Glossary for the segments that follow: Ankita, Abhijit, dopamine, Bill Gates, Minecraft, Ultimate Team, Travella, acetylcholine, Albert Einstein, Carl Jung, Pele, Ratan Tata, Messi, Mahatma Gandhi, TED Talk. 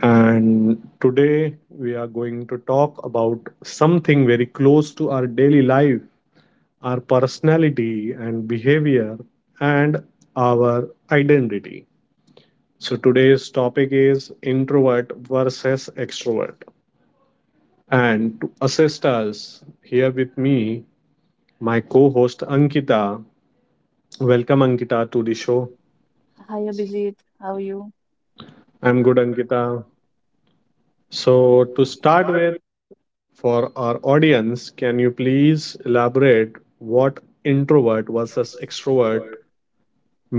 and today we are going to talk about something very close to our daily life, our personality and behavior, and our identity. So, today's topic is introvert versus extrovert. And to assist us, here with me, my co host Ankita. Welcome, Ankita, to the show. Hi Abhijit, how are you? I'm good, Ankita. So, to start with, for our audience, can you please elaborate what introvert versus extrovert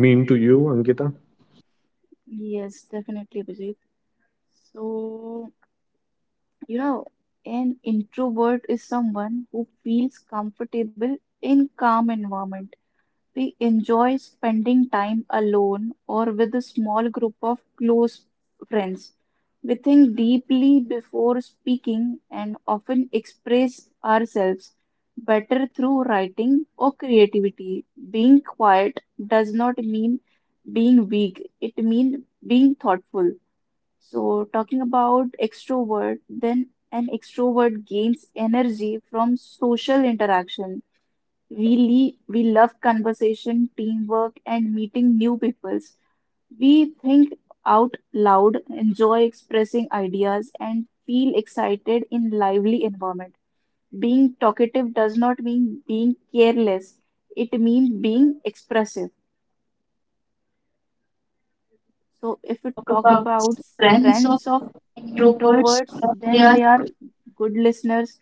mean to you, Ankita? Yes, definitely Abhijit. So, you know, an introvert is someone who feels comfortable in calm environment. We enjoy spending time alone or with a small group of close friends. We think deeply before speaking and often express ourselves better through writing or creativity. Being quiet does not mean being weak, it means being thoughtful. So, talking about extrovert, then an extrovert gains energy from social interaction, we love conversation, teamwork, and meeting new peoples. We think out loud, enjoy expressing ideas, and feel excited in lively environment. Being talkative does not mean being careless. It means being expressive. So, If we if we talk talk about about friends of strengths of introverts, introverts, what they then are. they are good listeners,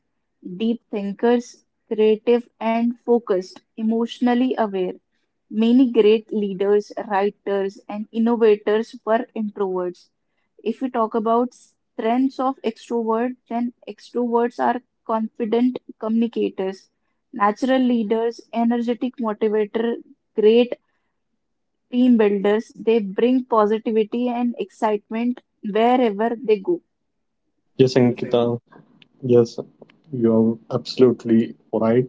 deep thinkers, creative and focused, emotionally aware. Many great leaders, writers, and innovators were introverts. If we talk about strengths of extroverts, then extroverts are confident communicators, natural leaders, energetic motivator, great team builders. They bring positivity and excitement wherever they go. Yes, Ankita. Yes, you're absolutely right.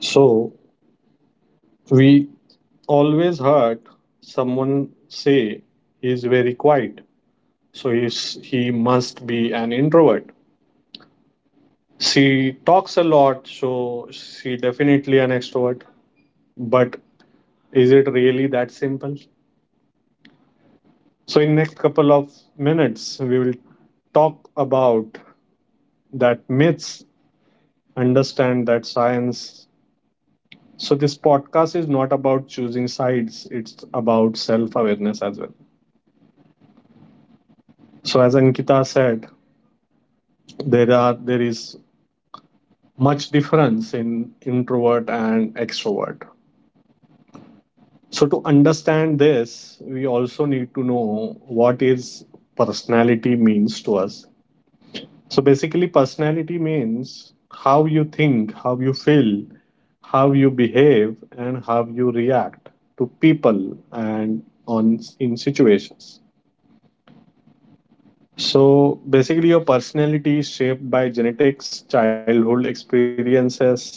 So, we always heard someone say he's very quiet, so he must be an introvert. She talks a lot, so she definitely an extrovert. But is it really that simple? So in next couple of minutes, we will talk about that myths, understand that science. So this podcast is not about choosing sides; it's about self-awareness as well. So as Ankita said, there is much difference in introvert and extrovert. So, to understand this, we also need to know what is personality means to us. So, basically, personality means how you think, how you feel, how you behave, and how you react to people and on in situations. So, basically, your personality is shaped by genetics, childhood experiences,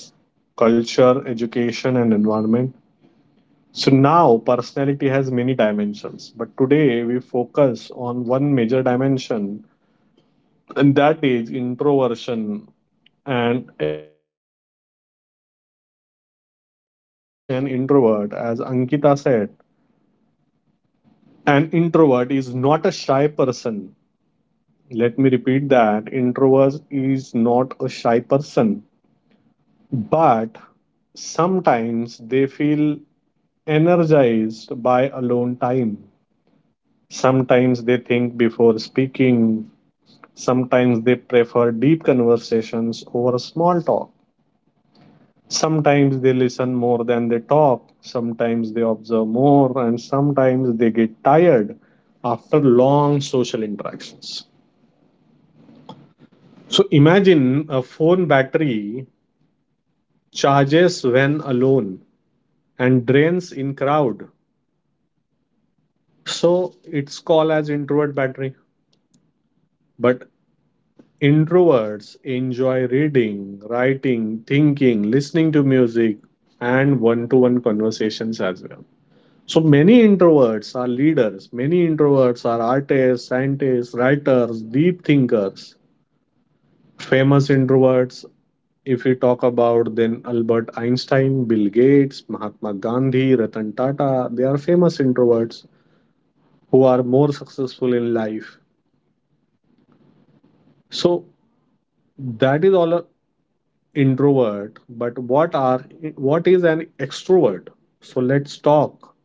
culture, education, and environment. So now personality has many dimensions, but today we focus on one major dimension, and that is introversion and extroversion. So, what is an introvert? As Ankita said, an introvert is not a shy person. Let me repeat that introvert is not a shy person, but sometimes they feel energized by alone time. Sometimes they think before speaking. Sometimes they prefer deep conversations over small talk. Sometimes they listen more than they talk. Sometimes they observe more. And sometimes they get tired after long social interactions. So imagine a phone battery charges when alone and drains in crowd. So it's called as introvert battery. But introverts enjoy reading, writing, thinking, listening to music, and one to one conversations as well. So, many introverts are leaders, many introverts are artists, scientists, writers, deep thinkers. Famous introverts, if we talk about, then Albert Einstein, Bill Gates, Mahatma Gandhi, Ratan Tata, they are famous introverts who are more successful in life. So, that is all introvert, but what is an extrovert? So let's talk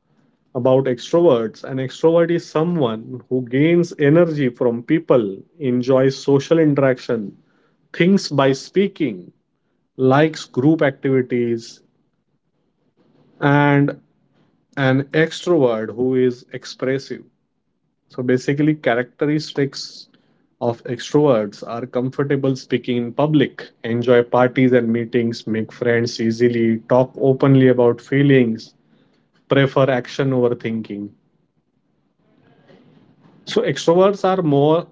about extroverts. An extrovert is someone who gains energy from people, enjoys social interaction, thinks by speaking, likes group activities, and an extrovert who is expressive. So basically, characteristics of extroverts are comfortable speaking in public, enjoy parties and meetings, make friends easily, talk openly about feelings, prefer action over thinking. So extroverts are more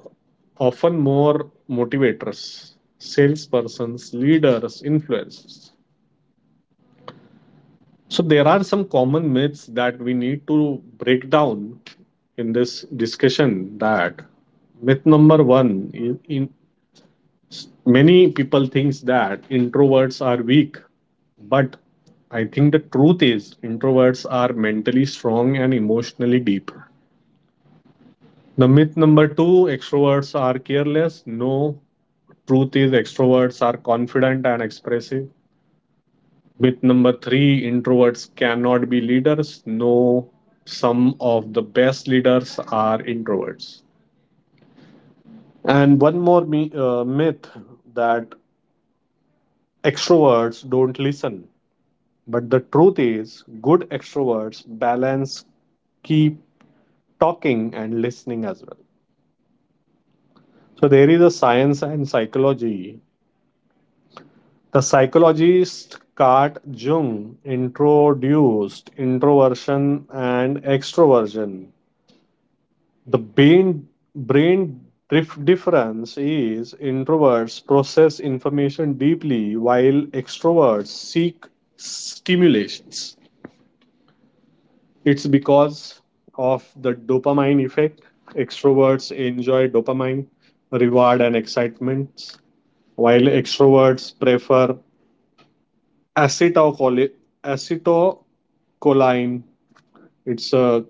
often more motivators, salespersons, leaders, influencers. So there are some common myths that we need to break down in this discussion. That myth number 1, in many people thinks that introverts are weak, but I think the truth is introverts are mentally strong and emotionally deep. The myth number 2, extroverts are careless. No, truth is extroverts are confident and expressive. Myth number 3, introverts cannot be leaders. No, some of the best leaders are introverts. And one more myth, that extroverts don't listen. But the truth is, good extroverts balance, keep talking and listening as well. So there is a science and psychology. The psychologist Carl Jung introduced introversion and extroversion. The brain difference is introverts process information deeply while extroverts seek stimulations. It's because of the dopamine effect. Extroverts enjoy dopamine, reward, and excitement, while extroverts prefer acetylcholi- acetylcholine. It's a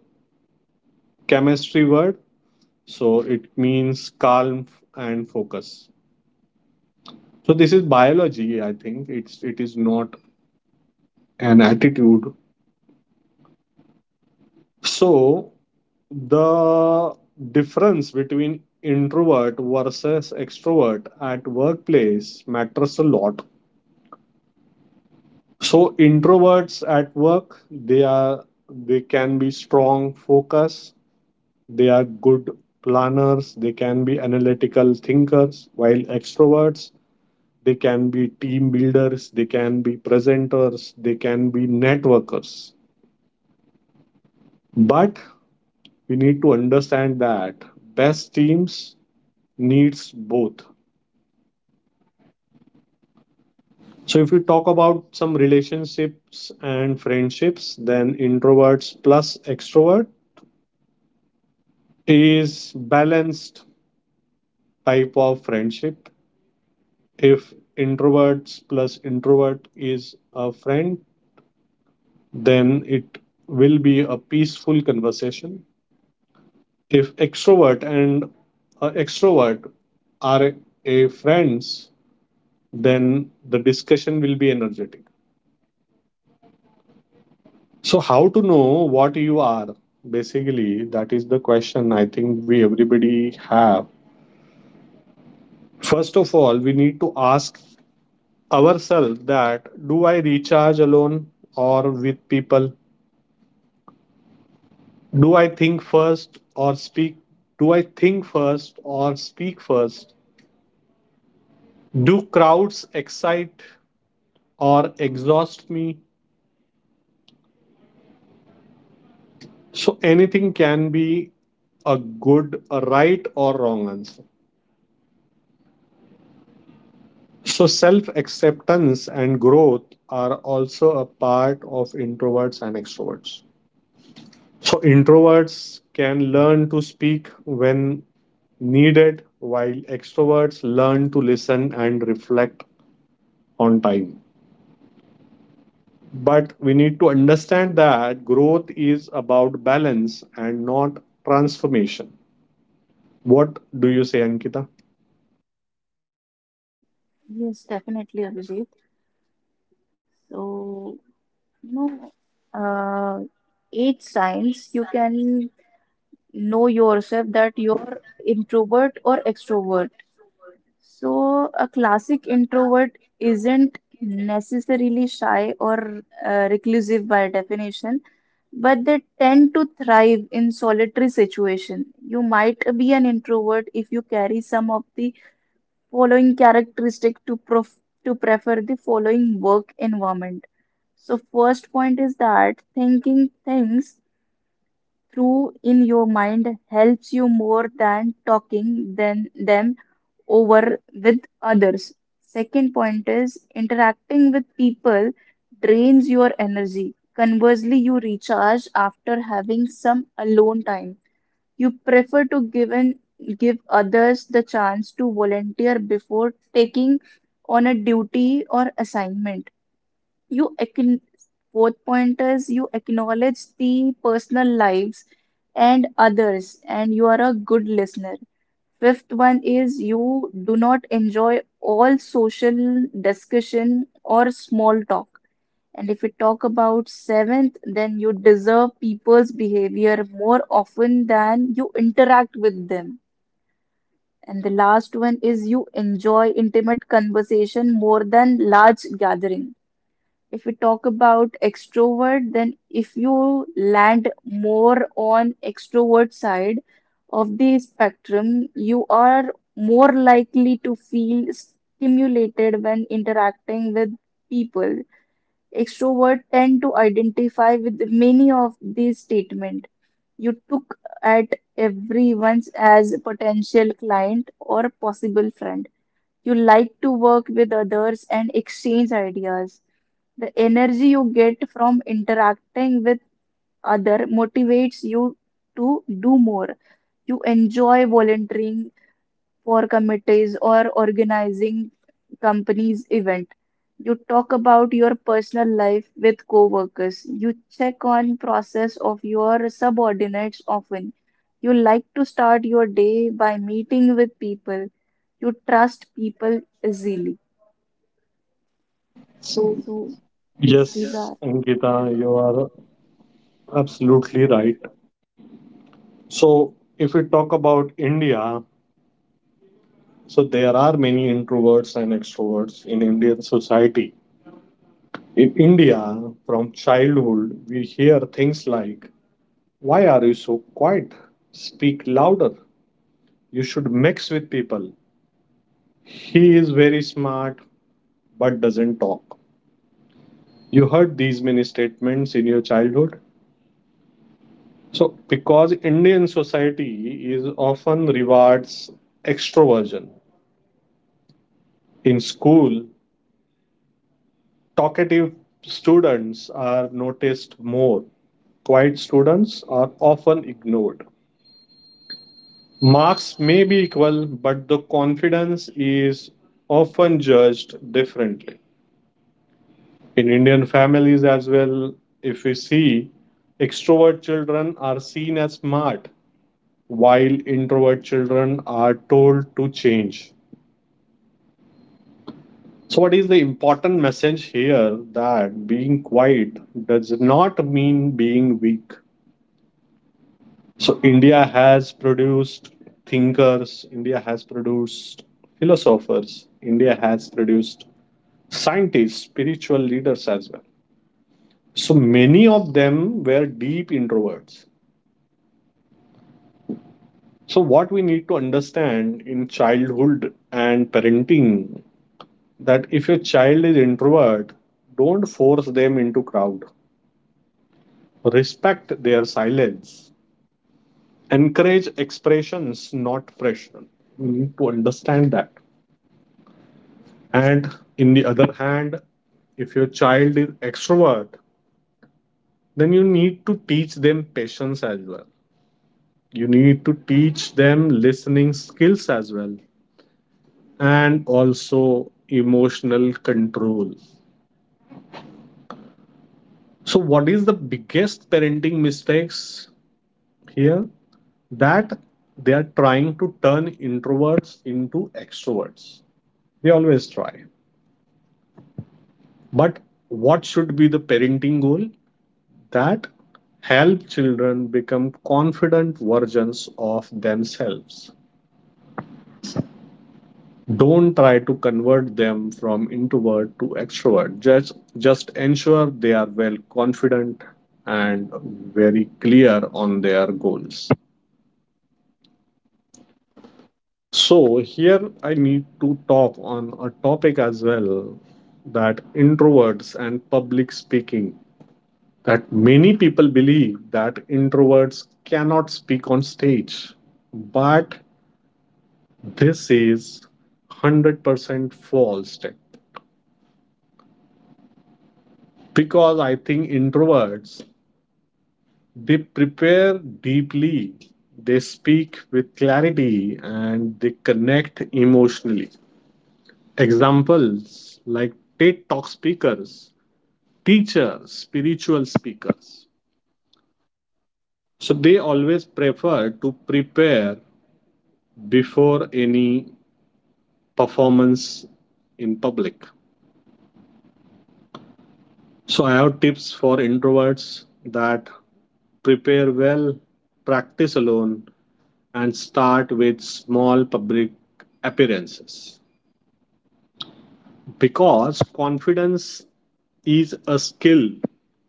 chemistry word, so it means calm and focus. So this is biology, I think. It is not an attitude. So, the difference between introvert versus extrovert at workplace matters a lot. So, introverts at work, they can be strong focus, they are good planners, they can be analytical thinkers, while extroverts, they can be team builders, they can be presenters, they can be networkers. But we need to understand that best teams needs both. So, if you talk about some relationships and friendships, then introverts plus extrovert is balanced type of friendship. If introverts plus introvert is a friend, then it will be a peaceful conversation. If extrovert and a extrovert are a friends, then the discussion will be energetic. So, how to know what you are? Basically, that is the question I think we everybody have. First of all, we need to ask ourselves that do I recharge alone or with people? Do I think first or speak? Do I think first or speak first? Do crowds excite or exhaust me? So anything can be a good, a right or wrong answer. So, self acceptance and growth are also a part of introverts and extroverts. So, introverts can learn to speak when needed, while extroverts learn to listen and reflect on time. But we need to understand that growth is about balance and not transformation. What do you say, Ankita? Yes, definitely, Abhijit. So, you know, uh, Age science, you can know yourself that you're introvert or extrovert. So, a classic introvert isn't necessarily shy or reclusive by definition, but they tend to thrive in solitary situation. You might be an introvert if you carry some of the following characteristic to prefer the following work environment. So, first point is that thinking things through in your mind helps you more than talking than them over with others. Second point is interacting with people drains your energy. Conversely, you recharge after having some alone time. You prefer to give in, give others the chance to volunteer before taking on a duty or assignment you acc- fourth point is you acknowledge the personal lives and others, and you are a good listener. Fifth one is you do not enjoy all social discussion or small talk. And if we talk about seventh, then you deserve people's behavior more often than you interact with them. And the last one is you enjoy intimate conversation more than large gathering. If we talk about extrovert, then if you land more on extrovert side of the spectrum, you are more likely to feel stimulated when interacting with people. Extrovert tend to identify with many of these statements. You took at everyone as a potential client or possible friend. You like to work with others and exchange ideas. The energy you get from interacting with other motivates you to do more. You enjoy volunteering for committees or organizing companies event. You talk about your personal life with coworkers. You check on process of your subordinates often. You like to start your day by meeting with people. You trust people easily. So. So these Yes, are. Ankita, you are absolutely right. So, if we talk about India, so there are many introverts and extroverts in Indian society. In India, from childhood, we hear things like, why are you so quiet? Speak louder. You should mix with people. He is very smart but doesn't talk. You heard these many statements in your childhood. So, because Indian society is often rewards extroversion in school, talkative students are noticed more. Quiet students are often ignored. Marks may be equal, but the confidence is often judged differently. In Indian families as well, if we see, extrovert children are seen as smart, while introvert children are told to change. So, what is the important message here that being quiet does not mean being weak? So India has produced thinkers, India has produced philosophers, India has produced scientists, spiritual leaders as well. So many of them were deep introverts. So what we need to understand in childhood and parenting, that if your child is introvert, don't force them into crowd. Respect their silence. Encourage expressions, not pressure. We need to understand that. And in the other hand, if your child is extrovert, then you need to teach them patience as well. You need to teach them listening skills as well, and also emotional control. So, what is the biggest parenting mistakes here? That they are trying to turn introverts into extroverts. They always try. But what should be the parenting goal? That help children become confident versions of themselves. Don't try to convert them from introvert to extrovert. Just ensure they are well confident and very clear on their goals. So here I need to talk on a topic as well, that introverts and public speaking, that many people believe that introverts cannot speak on stage, but this is 100% false step, because I think introverts, they prepare deeply, they speak with clarity, and they connect emotionally. Examples like TED Talk speakers, teachers, spiritual speakers. So they always prefer to prepare before any performance in public. So I have tips for introverts, that prepare well, practice alone, and start with small public appearances. Because confidence is a skill,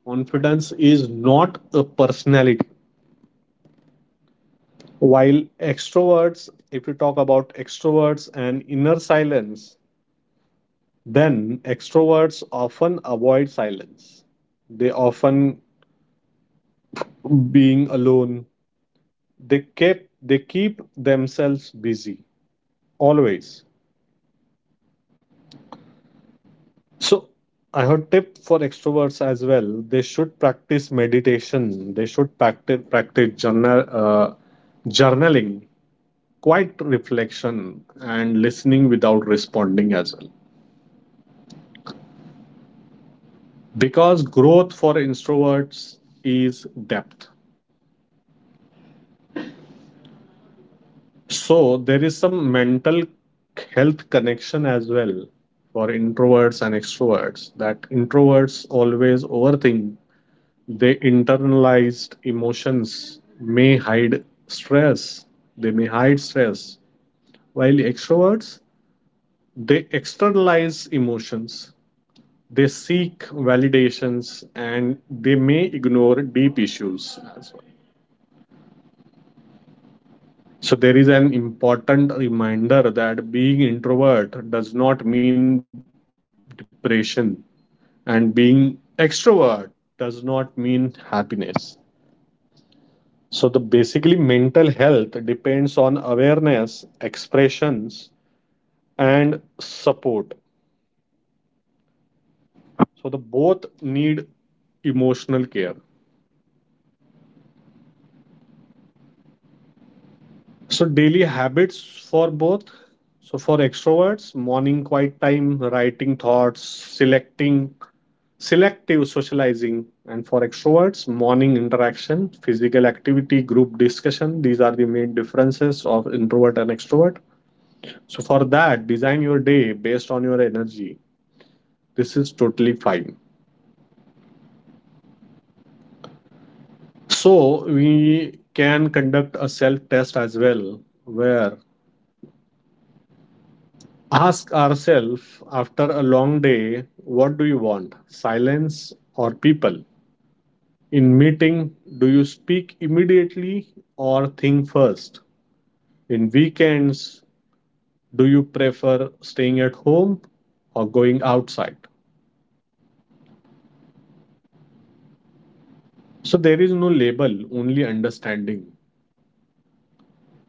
confidence is not a personality. While extroverts, if you talk about extroverts and inner silence, then extroverts often avoid silence. They often being alone, they keep themselves busy always. So, I have tip for extroverts as well. They should practice meditation. They should practice journaling, quiet reflection, and listening without responding as well. Because growth for introverts is depth. So there is some mental health connection as well for introverts and extroverts. That introverts always overthink. They internalized emotions, may hide stress. They may hide stress. While extroverts, they externalize emotions. They seek validations and they may ignore deep issues as well. So there is an important reminder that being introvert does not mean depression and being extrovert does not mean happiness. So the basically mental health depends on awareness, expressions, and support. So the both need emotional care. So daily habits for both. So for extroverts, morning quiet time, writing thoughts, selecting selective socializing, and for extroverts, morning interaction, physical activity, group discussion. These are the main differences of introvert and extrovert. So for that, design your day based on your energy. This is totally fine. So we can conduct a self test as well, where ask ourselves after a long day, what do you want? Silence or people? In meeting, do you speak immediately or think first? In weekends, do you prefer staying at home or going outside? So there is no label, only understanding.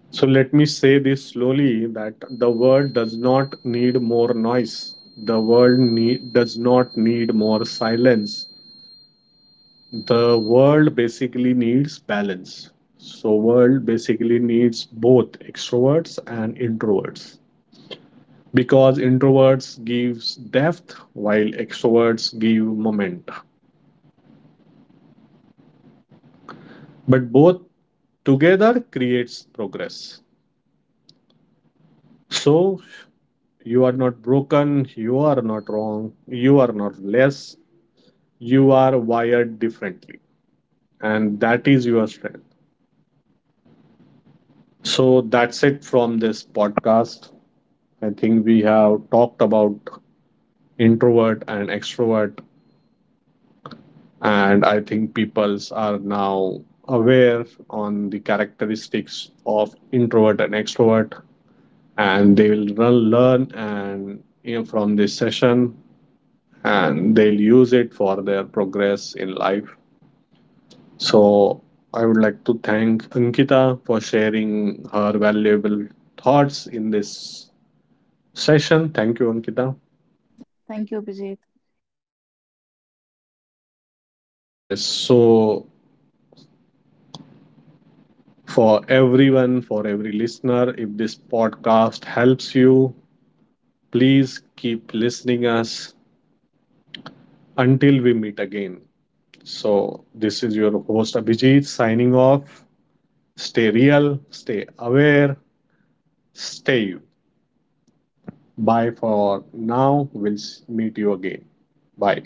So let me say this slowly that the world does not need more noise. The world does not need more silence. The world basically needs balance. So world basically needs both extroverts and introverts because introverts gives depth while extroverts give moment. But both together creates progress. So you are not broken, you are not wrong, you are not less, you are wired differently. And that is your strength. So that's it from this podcast. I think we have talked about introvert and extrovert, and I think peoples are now aware on the characteristics of introvert and extrovert, and they will learn and from this session, and they'll use it for their progress in life. So I would like to thank Ankita for sharing her valuable thoughts in this session. Thank you, Ankita. Thank you, Abhijit. Yes, so for everyone, for every listener, if this podcast helps you, please keep listening us until we meet again. So this is your host Abhijit signing off. Stay real, stay aware, stay. Bye for now. We'll meet you again. Bye.